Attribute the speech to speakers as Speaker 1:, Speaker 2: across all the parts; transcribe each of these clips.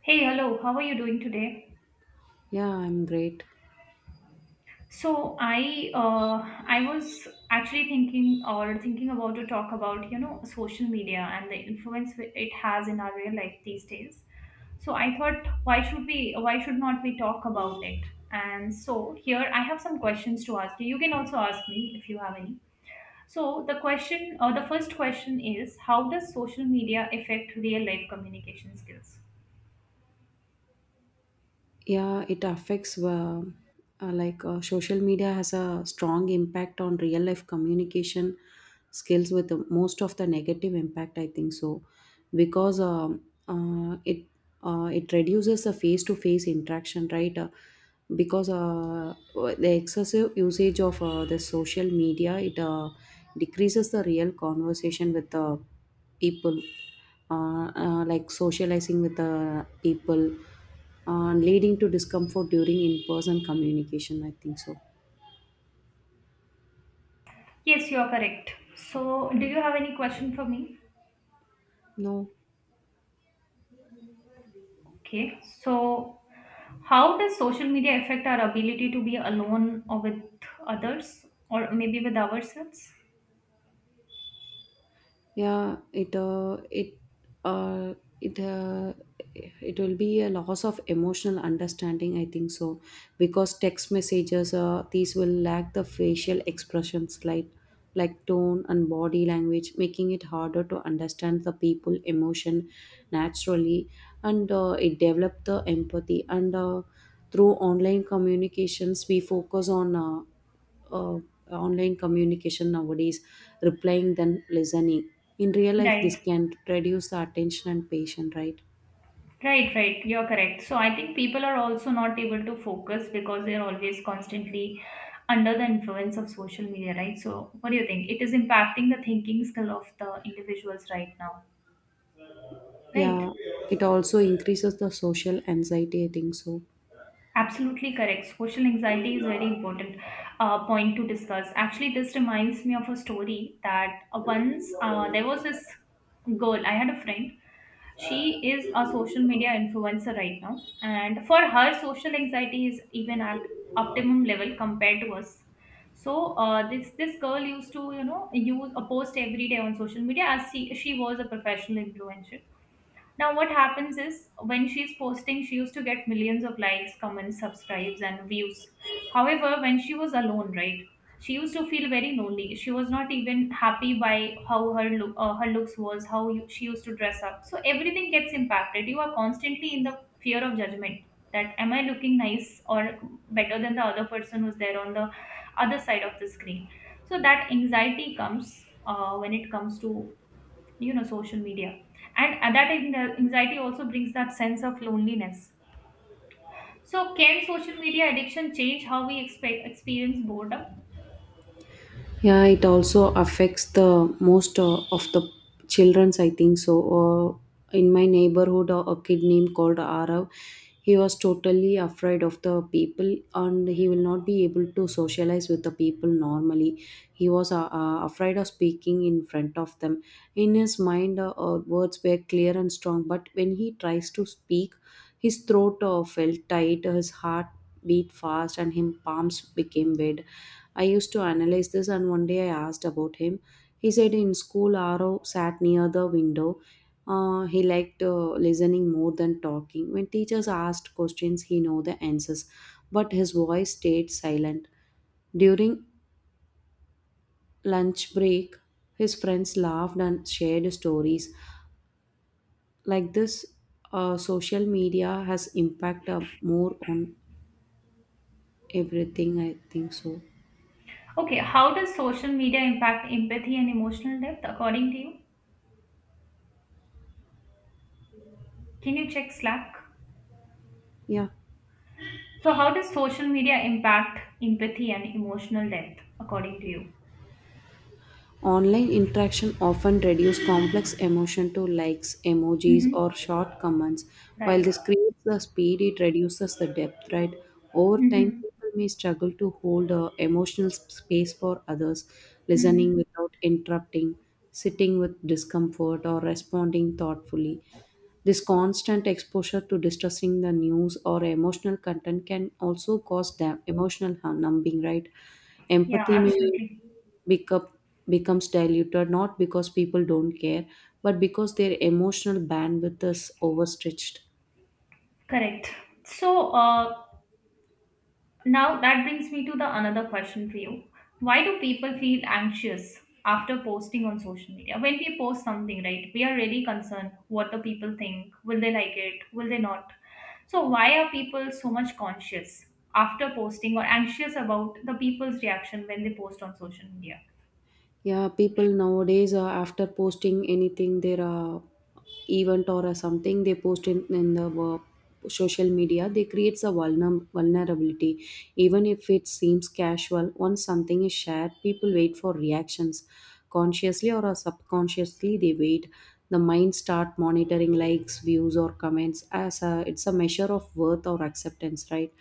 Speaker 1: Hey, hello. How are you doing today?
Speaker 2: Yeah, I'm great.
Speaker 1: So I was actually thinking or thinking about to talk about you know social media and the influence it has in our real life these days. So I thought why should we why should not we talk about it? And so here I have some questions to ask you. You can also ask me if you have any. So the question or the first question is how does social media affect real life communication skills?
Speaker 2: Yeah, it affects like Social media has a strong impact on real life communication skills with most of the negative impact, I think so, because uh, it it reduces the face to face interaction, right? Because The excessive usage of the social media, it decreases the real conversation with the people, like socializing with the people, leading to discomfort during in-person communication, I think so.
Speaker 1: Yes, you are correct. So do you have any question for me?
Speaker 2: No.
Speaker 1: Okay, so how does social media affect our ability to be alone or with others or maybe with ourselves?
Speaker 2: Yeah, it uh, it uh, it uh, it will be a loss of emotional understanding, I think so, because text messages, these will lack the facial expressions, like tone and body language, making it harder to understand the people emotion naturally, and it develop the empathy and. Through online communications, we focus on uh, online communication nowadays, replying than listening. In real life, this
Speaker 1: Right,
Speaker 2: can reduce the attention and patience, right?
Speaker 1: right, right. You're correct. So I think people are also not able to focus because they're always constantly under the influence of social media, right? So what do you think? It is impacting the thinking skill of the individuals right now, right?
Speaker 2: Yeah, it also increases the social anxiety, I think so.
Speaker 1: Absolutely correct. Social anxiety is very important point to discuss. Actually, this reminds me of a story that once there was this girl. I had a friend. She is a social media influencer right now, and for her, social anxiety is even at optimum level compared to us. So uh, this girl used to you know use a post every day on social media as she was a professional influencer now, what happens is when she's posting, she used to get millions of likes, comments, subscribes, and views. However, when she was alone, right, she used to feel very lonely. She was not even happy by how her look, her looks was, how you, she used to dress up. So everything gets impacted. You are constantly in the fear of judgment. That am I looking nice or better than the other person who's there on the other side of the screen? So that anxiety comes when it comes to you know social media and that anxiety also brings that sense of loneliness. So can social media addiction change how we experience boredom?
Speaker 2: Yeah, it also affects the most of the children's, I think so. In my neighborhood, a kid named called Arav, he was totally afraid of the people and he will not be able to socialize with the people normally. He was afraid of speaking in front of them. In his mind, words were clear and strong, but when he tries to speak, his throat felt tight, his heart beat fast, and his palms became red. I used to analyze this, and one day I asked about him. He said in school, Aro sat near the window. He liked listening more than talking. When teachers asked questions, he knew the answers, but his voice stayed silent. During lunch break, his friends laughed and shared stories. Like this, social media has impact more on everything, I think so.
Speaker 1: Okay, how does social media impact empathy and emotional depth according to you? Can you check Slack?
Speaker 2: Yeah.
Speaker 1: So how does social media impact empathy and emotional depth according to you?
Speaker 2: Online interaction often reduces complex emotion to likes, emojis,
Speaker 1: Hmm.
Speaker 2: or short comments. While
Speaker 1: Right.
Speaker 2: this creates the speed, it reduces the depth, right? Over time,
Speaker 1: Hmm.
Speaker 2: people may struggle to hold a emotional space for others,
Speaker 1: Hmm.
Speaker 2: listening without interrupting, sitting with discomfort, or responding thoughtfully. This constant exposure to distressing the news or emotional content can also cause them emotional numbing, right?
Speaker 1: Yeah,
Speaker 2: Empathy may
Speaker 1: absolutely.
Speaker 2: become becomes diluted, not because people don't care, but because their emotional bandwidth is overstretched.
Speaker 1: Correct. So, now that brings me to the another question for you. Why do people feel anxious after posting on social media? When we post something, right, we are really concerned what the people think. Will they like it? Will they not? So why are people so much conscious after posting or anxious about the people's reaction when they post on social media?
Speaker 2: Yeah, people nowadays, after posting anything, they are event or a something they post in the social media, they creates a vulnerability. Even if it seems casual, once something is shared, people wait for reactions, consciously or subconsciously, they wait. The mind start monitoring likes, views or comments as it's a measure of worth or acceptance, right?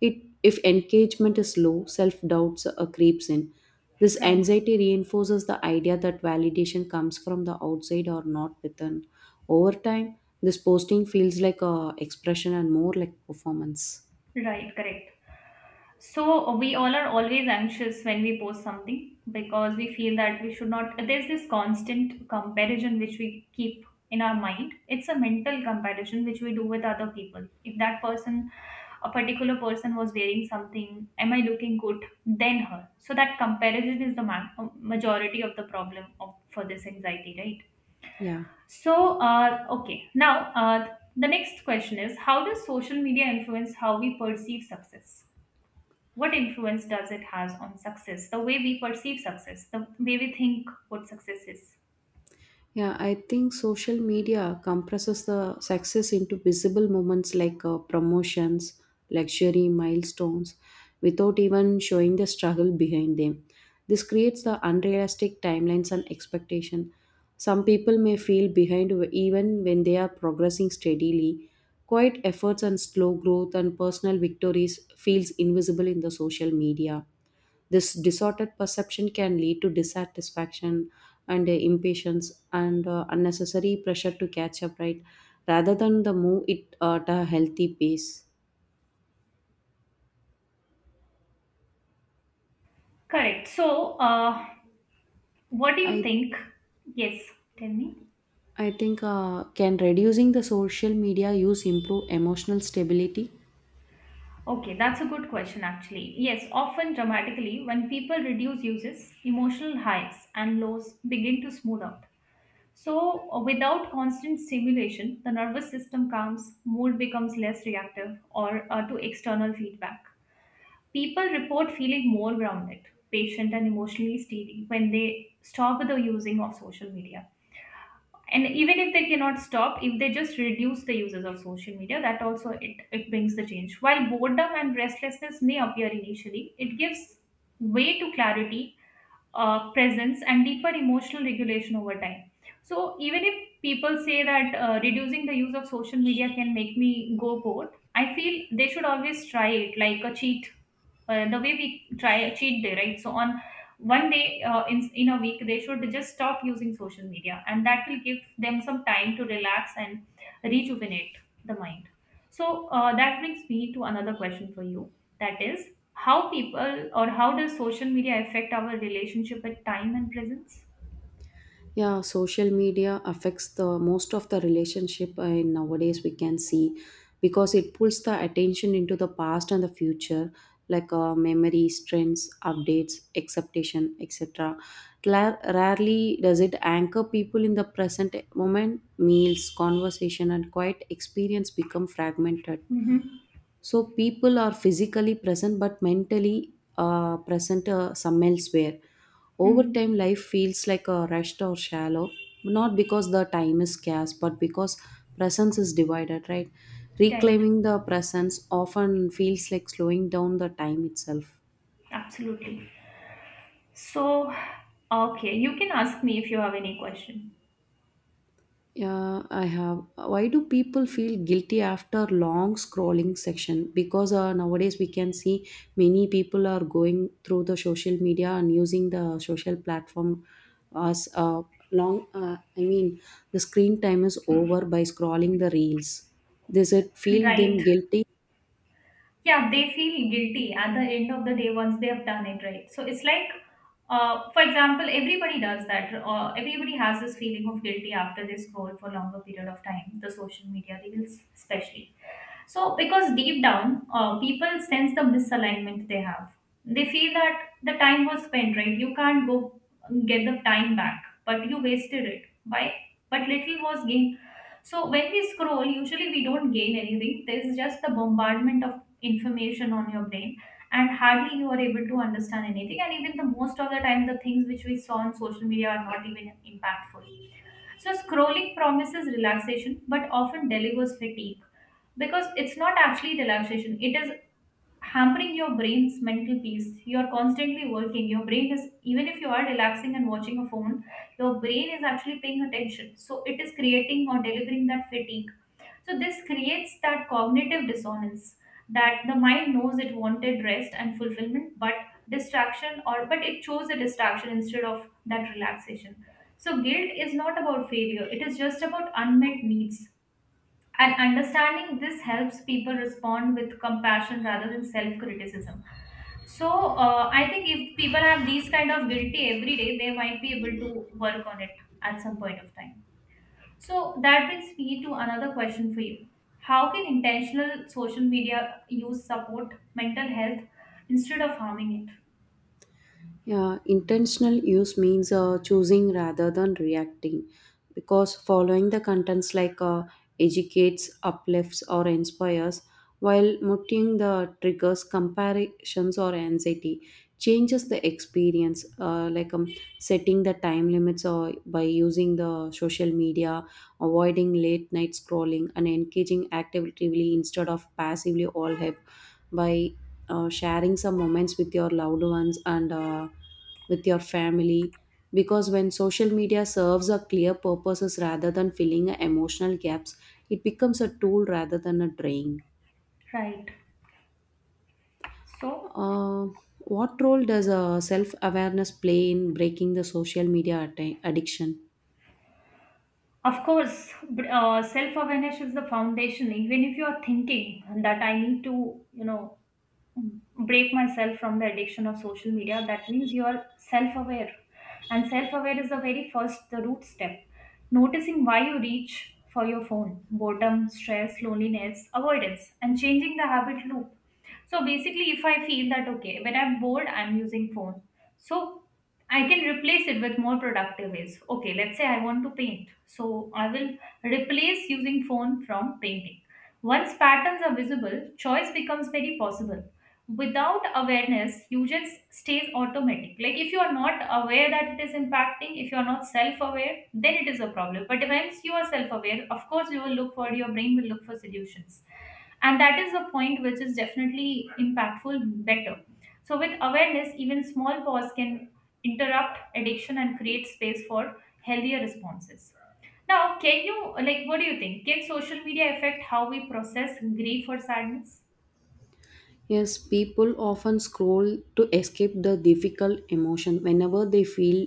Speaker 2: it If engagement is low, self doubts creeps in. This
Speaker 1: Right.
Speaker 2: anxiety reinforces the idea that validation comes from the outside or not within. Over time, this posting feels like a expression and more like performance.
Speaker 1: Right, correct. So we all are always anxious when we post something because we feel that we should not. There's this constant comparison which we keep in our mind. It's a mental comparison which we do with other people. If that person, a particular person, was wearing something, am I looking good? Than her. So that comparison is the majority of the problem of, for this anxiety, right?
Speaker 2: Yeah.
Speaker 1: So, okay. Now, the next question is how does social media influence how we perceive success? What influence does it has on success, the way we perceive success, the way we think what success is?
Speaker 2: Yeah, I think social media compresses the success into visible moments, like promotions, luxury, milestones, without even showing the struggle behind them. This creates the unrealistic timelines and expectation. Some people may feel behind even when they are progressing steadily. Quiet efforts and slow growth and personal victories feels invisible in the social media. This disordered perception can lead to dissatisfaction and impatience and unnecessary pressure to catch up, right? Rather than the move it at a healthy pace.
Speaker 1: Correct. So what do you
Speaker 2: I
Speaker 1: think? Yes, tell me.
Speaker 2: I think can reducing the social media use improve emotional stability?
Speaker 1: Okay, that's a good question. Actually, yes, often dramatically when people reduce uses, emotional highs and lows begin to smooth out. So without constant stimulation, the nervous system calms, mood becomes less reactive or to external feedback. People report feeling more grounded, patient, and emotionally steady when they stop the using of social media. And even if they cannot stop, if they just reduce the uses of social media, that also it brings the change. While boredom and restlessness may appear initially, it gives way to clarity, presence, and deeper emotional regulation over time. So even if people say that reducing the use of social media can make me go bored, I feel they should always try it like a cheat, the way we try cheat day, right? So on one day in a week, they should just stop using social media and that will give them some time to relax and rejuvenate the mind. So that brings me to another question for you, that is, how people or how does social media affect our relationship with time and presence?
Speaker 2: Yeah, social media affects the most of the relationship and nowadays we can see, because it pulls the attention into the past and the future, like memories, trends, updates, expectation, etc. Rarely does it anchor people in the present moment. Meals, conversation and quiet experience become fragmented,
Speaker 1: Mm-hmm.
Speaker 2: so people are physically present but mentally present some elsewhere. Over
Speaker 1: Mm-hmm.
Speaker 2: time, life feels like a rushed or shallow, not because the time is scarce, but because presence is divided, right?
Speaker 1: Right,
Speaker 2: Reclaiming the presence often feels like slowing down the time itself.
Speaker 1: absolutely. So okay, you can ask me if you have any question.
Speaker 2: Yeah, I have. Why do people feel guilty after long scrolling section? Because nowadays we can see many people are going through the social media and using the social platform as long. I mean, the screen time is over by scrolling the reels. Does it feel
Speaker 1: Right.
Speaker 2: them guilty?
Speaker 1: Yeah, they feel guilty at the end of the day once they have done it, right? So it's like, for example, everybody does that. Everybody has this feeling of guilty after they scroll for longer period of time, the social media reels especially. So, because deep down, people sense the misalignment they have. They feel that the time was spent, right? You can't go get the time back, but you wasted it. Why? But little was gained. So, when we scroll, usually we don't gain anything. There's just the bombardment of information on your brain, and hardly you are able to understand anything. And even the most of the time, the things which we saw on social media are not even impactful. So scrolling promises relaxation but often delivers fatigue because it's not actually relaxation. It is hampering your brain's mental peace. You are constantly working. Your brain is, even if you are relaxing and watching a phone, your brain is actually paying attention. So it is creating or delivering that fatigue. So this creates that cognitive dissonance, that the mind knows it wanted rest and fulfillment, but distraction, or but it chose a distraction instead of that relaxation. So guilt is not about failure, it is just about unmet needs. And understanding this helps people respond with compassion rather than self criticism. So I think if people have these kind of guilty every day, they might be able to work on it at some point of time. So that brings me to another question for you. How can intentional social media use support mental health instead of harming
Speaker 2: Yeah, intentional use means choosing rather than reacting, because following the contents, like educates, uplifts, or inspires, while muting the triggers, comparisons or anxiety, changes the experience, setting the time limits or by using the social media, avoiding late night scrolling, and engaging actively instead of passively, all help by sharing some moments with your loved ones and with your family, because when social media serves a clear purposes rather than filling a emotional gaps, it becomes a tool rather than a drain.
Speaker 1: it? Right. So,
Speaker 2: uh, what role does self-awareness play in breaking the social media addiction?
Speaker 1: of course, self awareness is the foundation. Even if you are thinking that I need to, you know, break myself from the addiction of social media, that means you are self aware, and self aware is the very first, the root step. Noticing why you reach for your phone, boredom, stress, loneliness, avoidance, and changing the habit loop. So basically if I feel that okay, when I'm bored I'm using phone, so I can replace it with more productive ways. Okay, let's say I want to paint, so I will replace using phone from painting. Once patterns are visible, choice becomes very possible. Without awareness, you just stays automatic. Like if you are not aware that it is impacting, if you are not self-aware, then it is a problem. But once you are self-aware, of course you will look for, your brain will look for solutions. And that is the point which is definitely impactful better. So with awareness, even small pause can interrupt addiction and create space for healthier responses. Now, can you, like, what do you think? Can social media affect how we process grief or sadness?
Speaker 2: Yes, people often scroll to escape the difficult emotion. Whenever they feel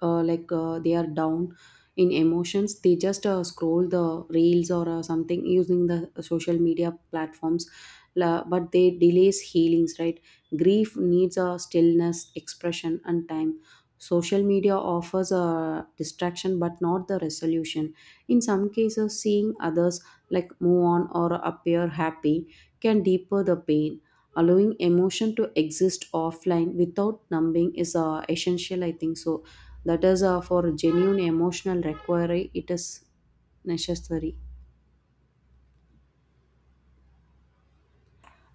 Speaker 2: they are down in emotions, they just scroll the reels or something using the social media platforms. But they delays healings, right? Grief needs a stillness, expression, and time. Social media offers a distraction, but not the resolution. In some cases, seeing others like move on or appear happy can deeper the pain. Allowing emotion to exist offline without numbing is essential, I think so. That is, for genuine emotional recovery, it is necessary.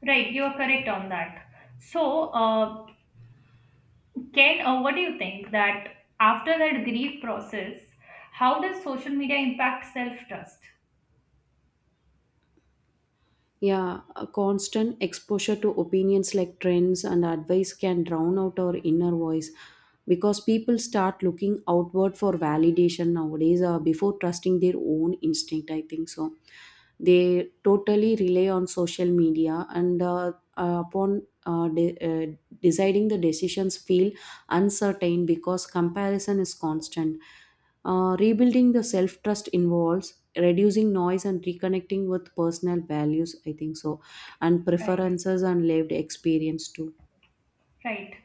Speaker 1: Right, you are correct on that. So, can, what do you think that after that grief process, how does social media impact self trust?
Speaker 2: Yeah, a constant exposure to opinions like trends and advice can drown out our inner voice, because people start looking outward for validation nowadays, before trusting their own instinct, I think so. They totally rely on social media and deciding the decisions feel uncertain because comparison is constant. Rebuilding the self trust involves reducing noise and reconnecting with personal values, I think so, and
Speaker 1: Right,
Speaker 2: preferences and lived experience too.
Speaker 1: right.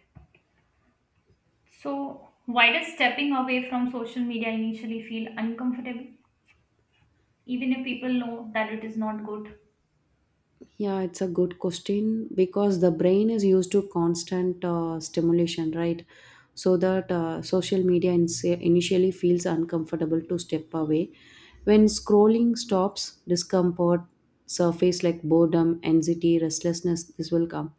Speaker 1: So, why does stepping away from social media initially feel uncomfortable, even if people know that it is not good?
Speaker 2: Yeah, it's a good question, because the brain is used to constant stimulation, right? So that social media initially feels uncomfortable to step away. When scrolling stops, discomfort surface like boredom, anxiety, restlessness, this will come.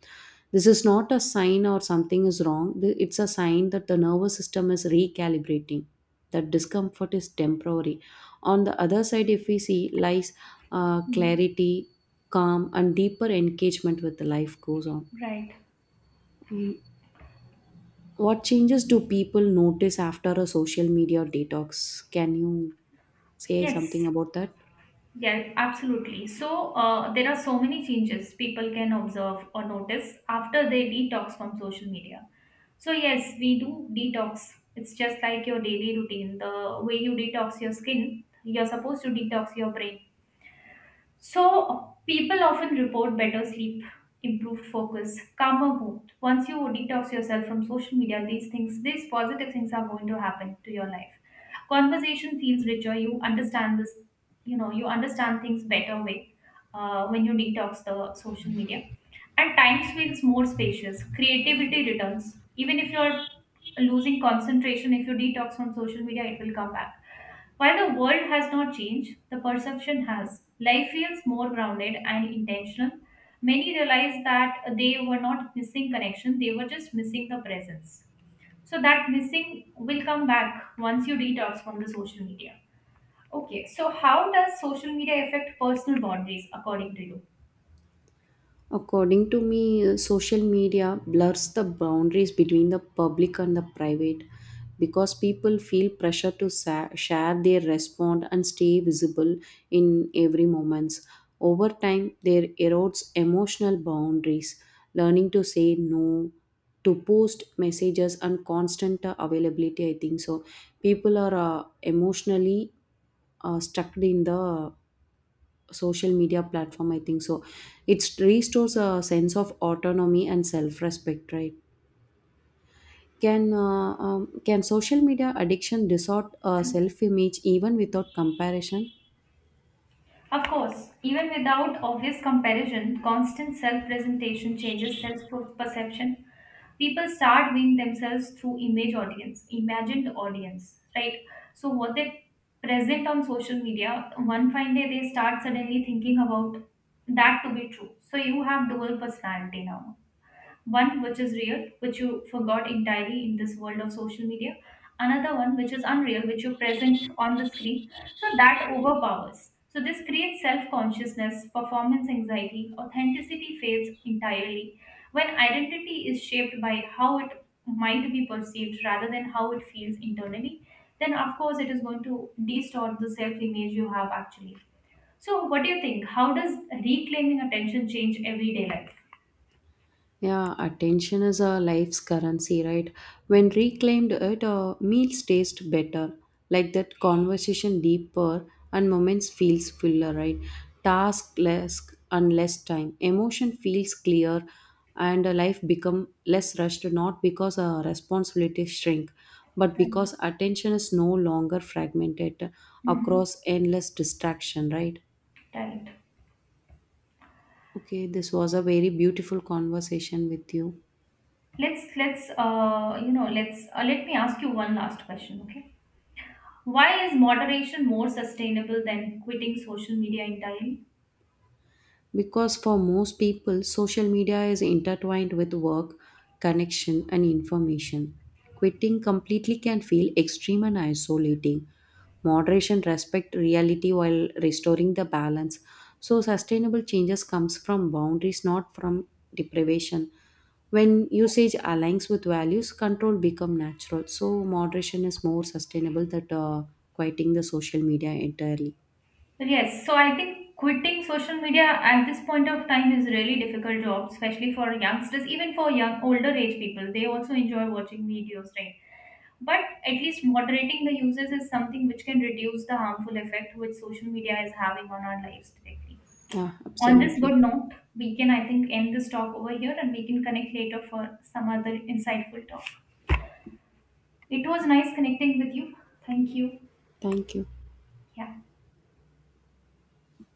Speaker 2: This is not a sign or something is wrong. It's a sign that the nervous system is recalibrating. That discomfort is temporary. On the other side, if we see lies,
Speaker 1: Mhm.
Speaker 2: clarity, calm, and deeper engagement with the life goes on.
Speaker 1: Right.
Speaker 2: Um, what changes do people notice after a social media detox? Can you say
Speaker 1: Yes.
Speaker 2: something about that?
Speaker 1: Yeah, absolutely. So there are so many changes people can observe or notice after they detox from social media. So yes, we do detox. It's just like your daily routine. The way you detox your skin, you're supposed to detox your brain. So, people often report better sleep, improved focus, calmer mood. Once you detox yourself from social media, these things, these positive things are going to happen to your life. Conversation feels richer. You understand this, you know, you understand things better way when you detox the social media. And time feels more spacious. Creativity returns. Even if you're losing concentration, if you detox from social media, it will come back. While the world has not changed, the perception has. Life feels more grounded and intentional. Many realize that they were not missing connection, they were just missing the presence. So that missing will come back once you detox from the social media. Okay, so how does social media affect personal boundaries according to
Speaker 2: According to me, social media blurs the boundaries between the public and the private, because people feel pressure to share their response and stay visible in every moments. Over time, there erodes emotional boundaries, learning to say no, to post messages and constant availability, I think so. People are emotionally stuck in the social media platform, I think so. It restores a sense of autonomy and self-respect, right? Can can social media addiction distort
Speaker 1: you?
Speaker 2: self-image even without comparison?
Speaker 1: Of course, even without obvious comparison, constant self presentation changes self perception. People start viewing themselves through image audience, imagined audience, right? So, what they present on social media, one fine day they start suddenly thinking about that to be true. So, you have dual personality now, one which is real, which you forgot entirely in this world of social media. Another one which is unreal, which you present on the screen. So that overpowers. So this creates self consciousness, performance anxiety, authenticity fades entirely when identity is shaped by how it might be perceived rather than how it feels internally. Then, of course, it is going to distort the self image you have actually. So, what do you think? How does reclaiming attention change everyday life?
Speaker 2: Yeah, attention is a life's currency, right? When reclaimed, it meals taste better. Like that, conversation deeper and moments feels fuller, right? Task less and less time. Emotion feels clear and life become less rushed, not because responsibilities shrink, but
Speaker 1: Right.
Speaker 2: because attention is no longer fragmented
Speaker 1: Mhm.
Speaker 2: across endless distraction, right?
Speaker 1: Right.
Speaker 2: Okay, this was a very beautiful conversation with you.
Speaker 1: Let's let me ask you one last question. Okay. Why is moderation more sustainable than quitting social media entirely?
Speaker 2: Because for most people, social media is intertwined with work, connection, and information. Quitting completely can feel extreme and isolating. Moderation respect reality while restoring the balance. So sustainable changes comes from boundaries, not from deprivation. When usage aligns with values, control become natural. So moderation is more sustainable than quieting the social media entirely.
Speaker 1: Yes. So I think quitting social media at this point of time is really difficult job, especially for youngsters, even for young older age people. They also enjoy watching videos, right? But at least moderating the uses is something which can reduce the harmful effect which social media is having on our lives directly.
Speaker 2: Yeah,
Speaker 1: On this good
Speaker 2: absolutely.
Speaker 1: note, we can, I think, end this talk over here and we can connect later for some other insightful talk. It was nice connecting with you. Thank you.
Speaker 2: Thank you.
Speaker 1: Yeah.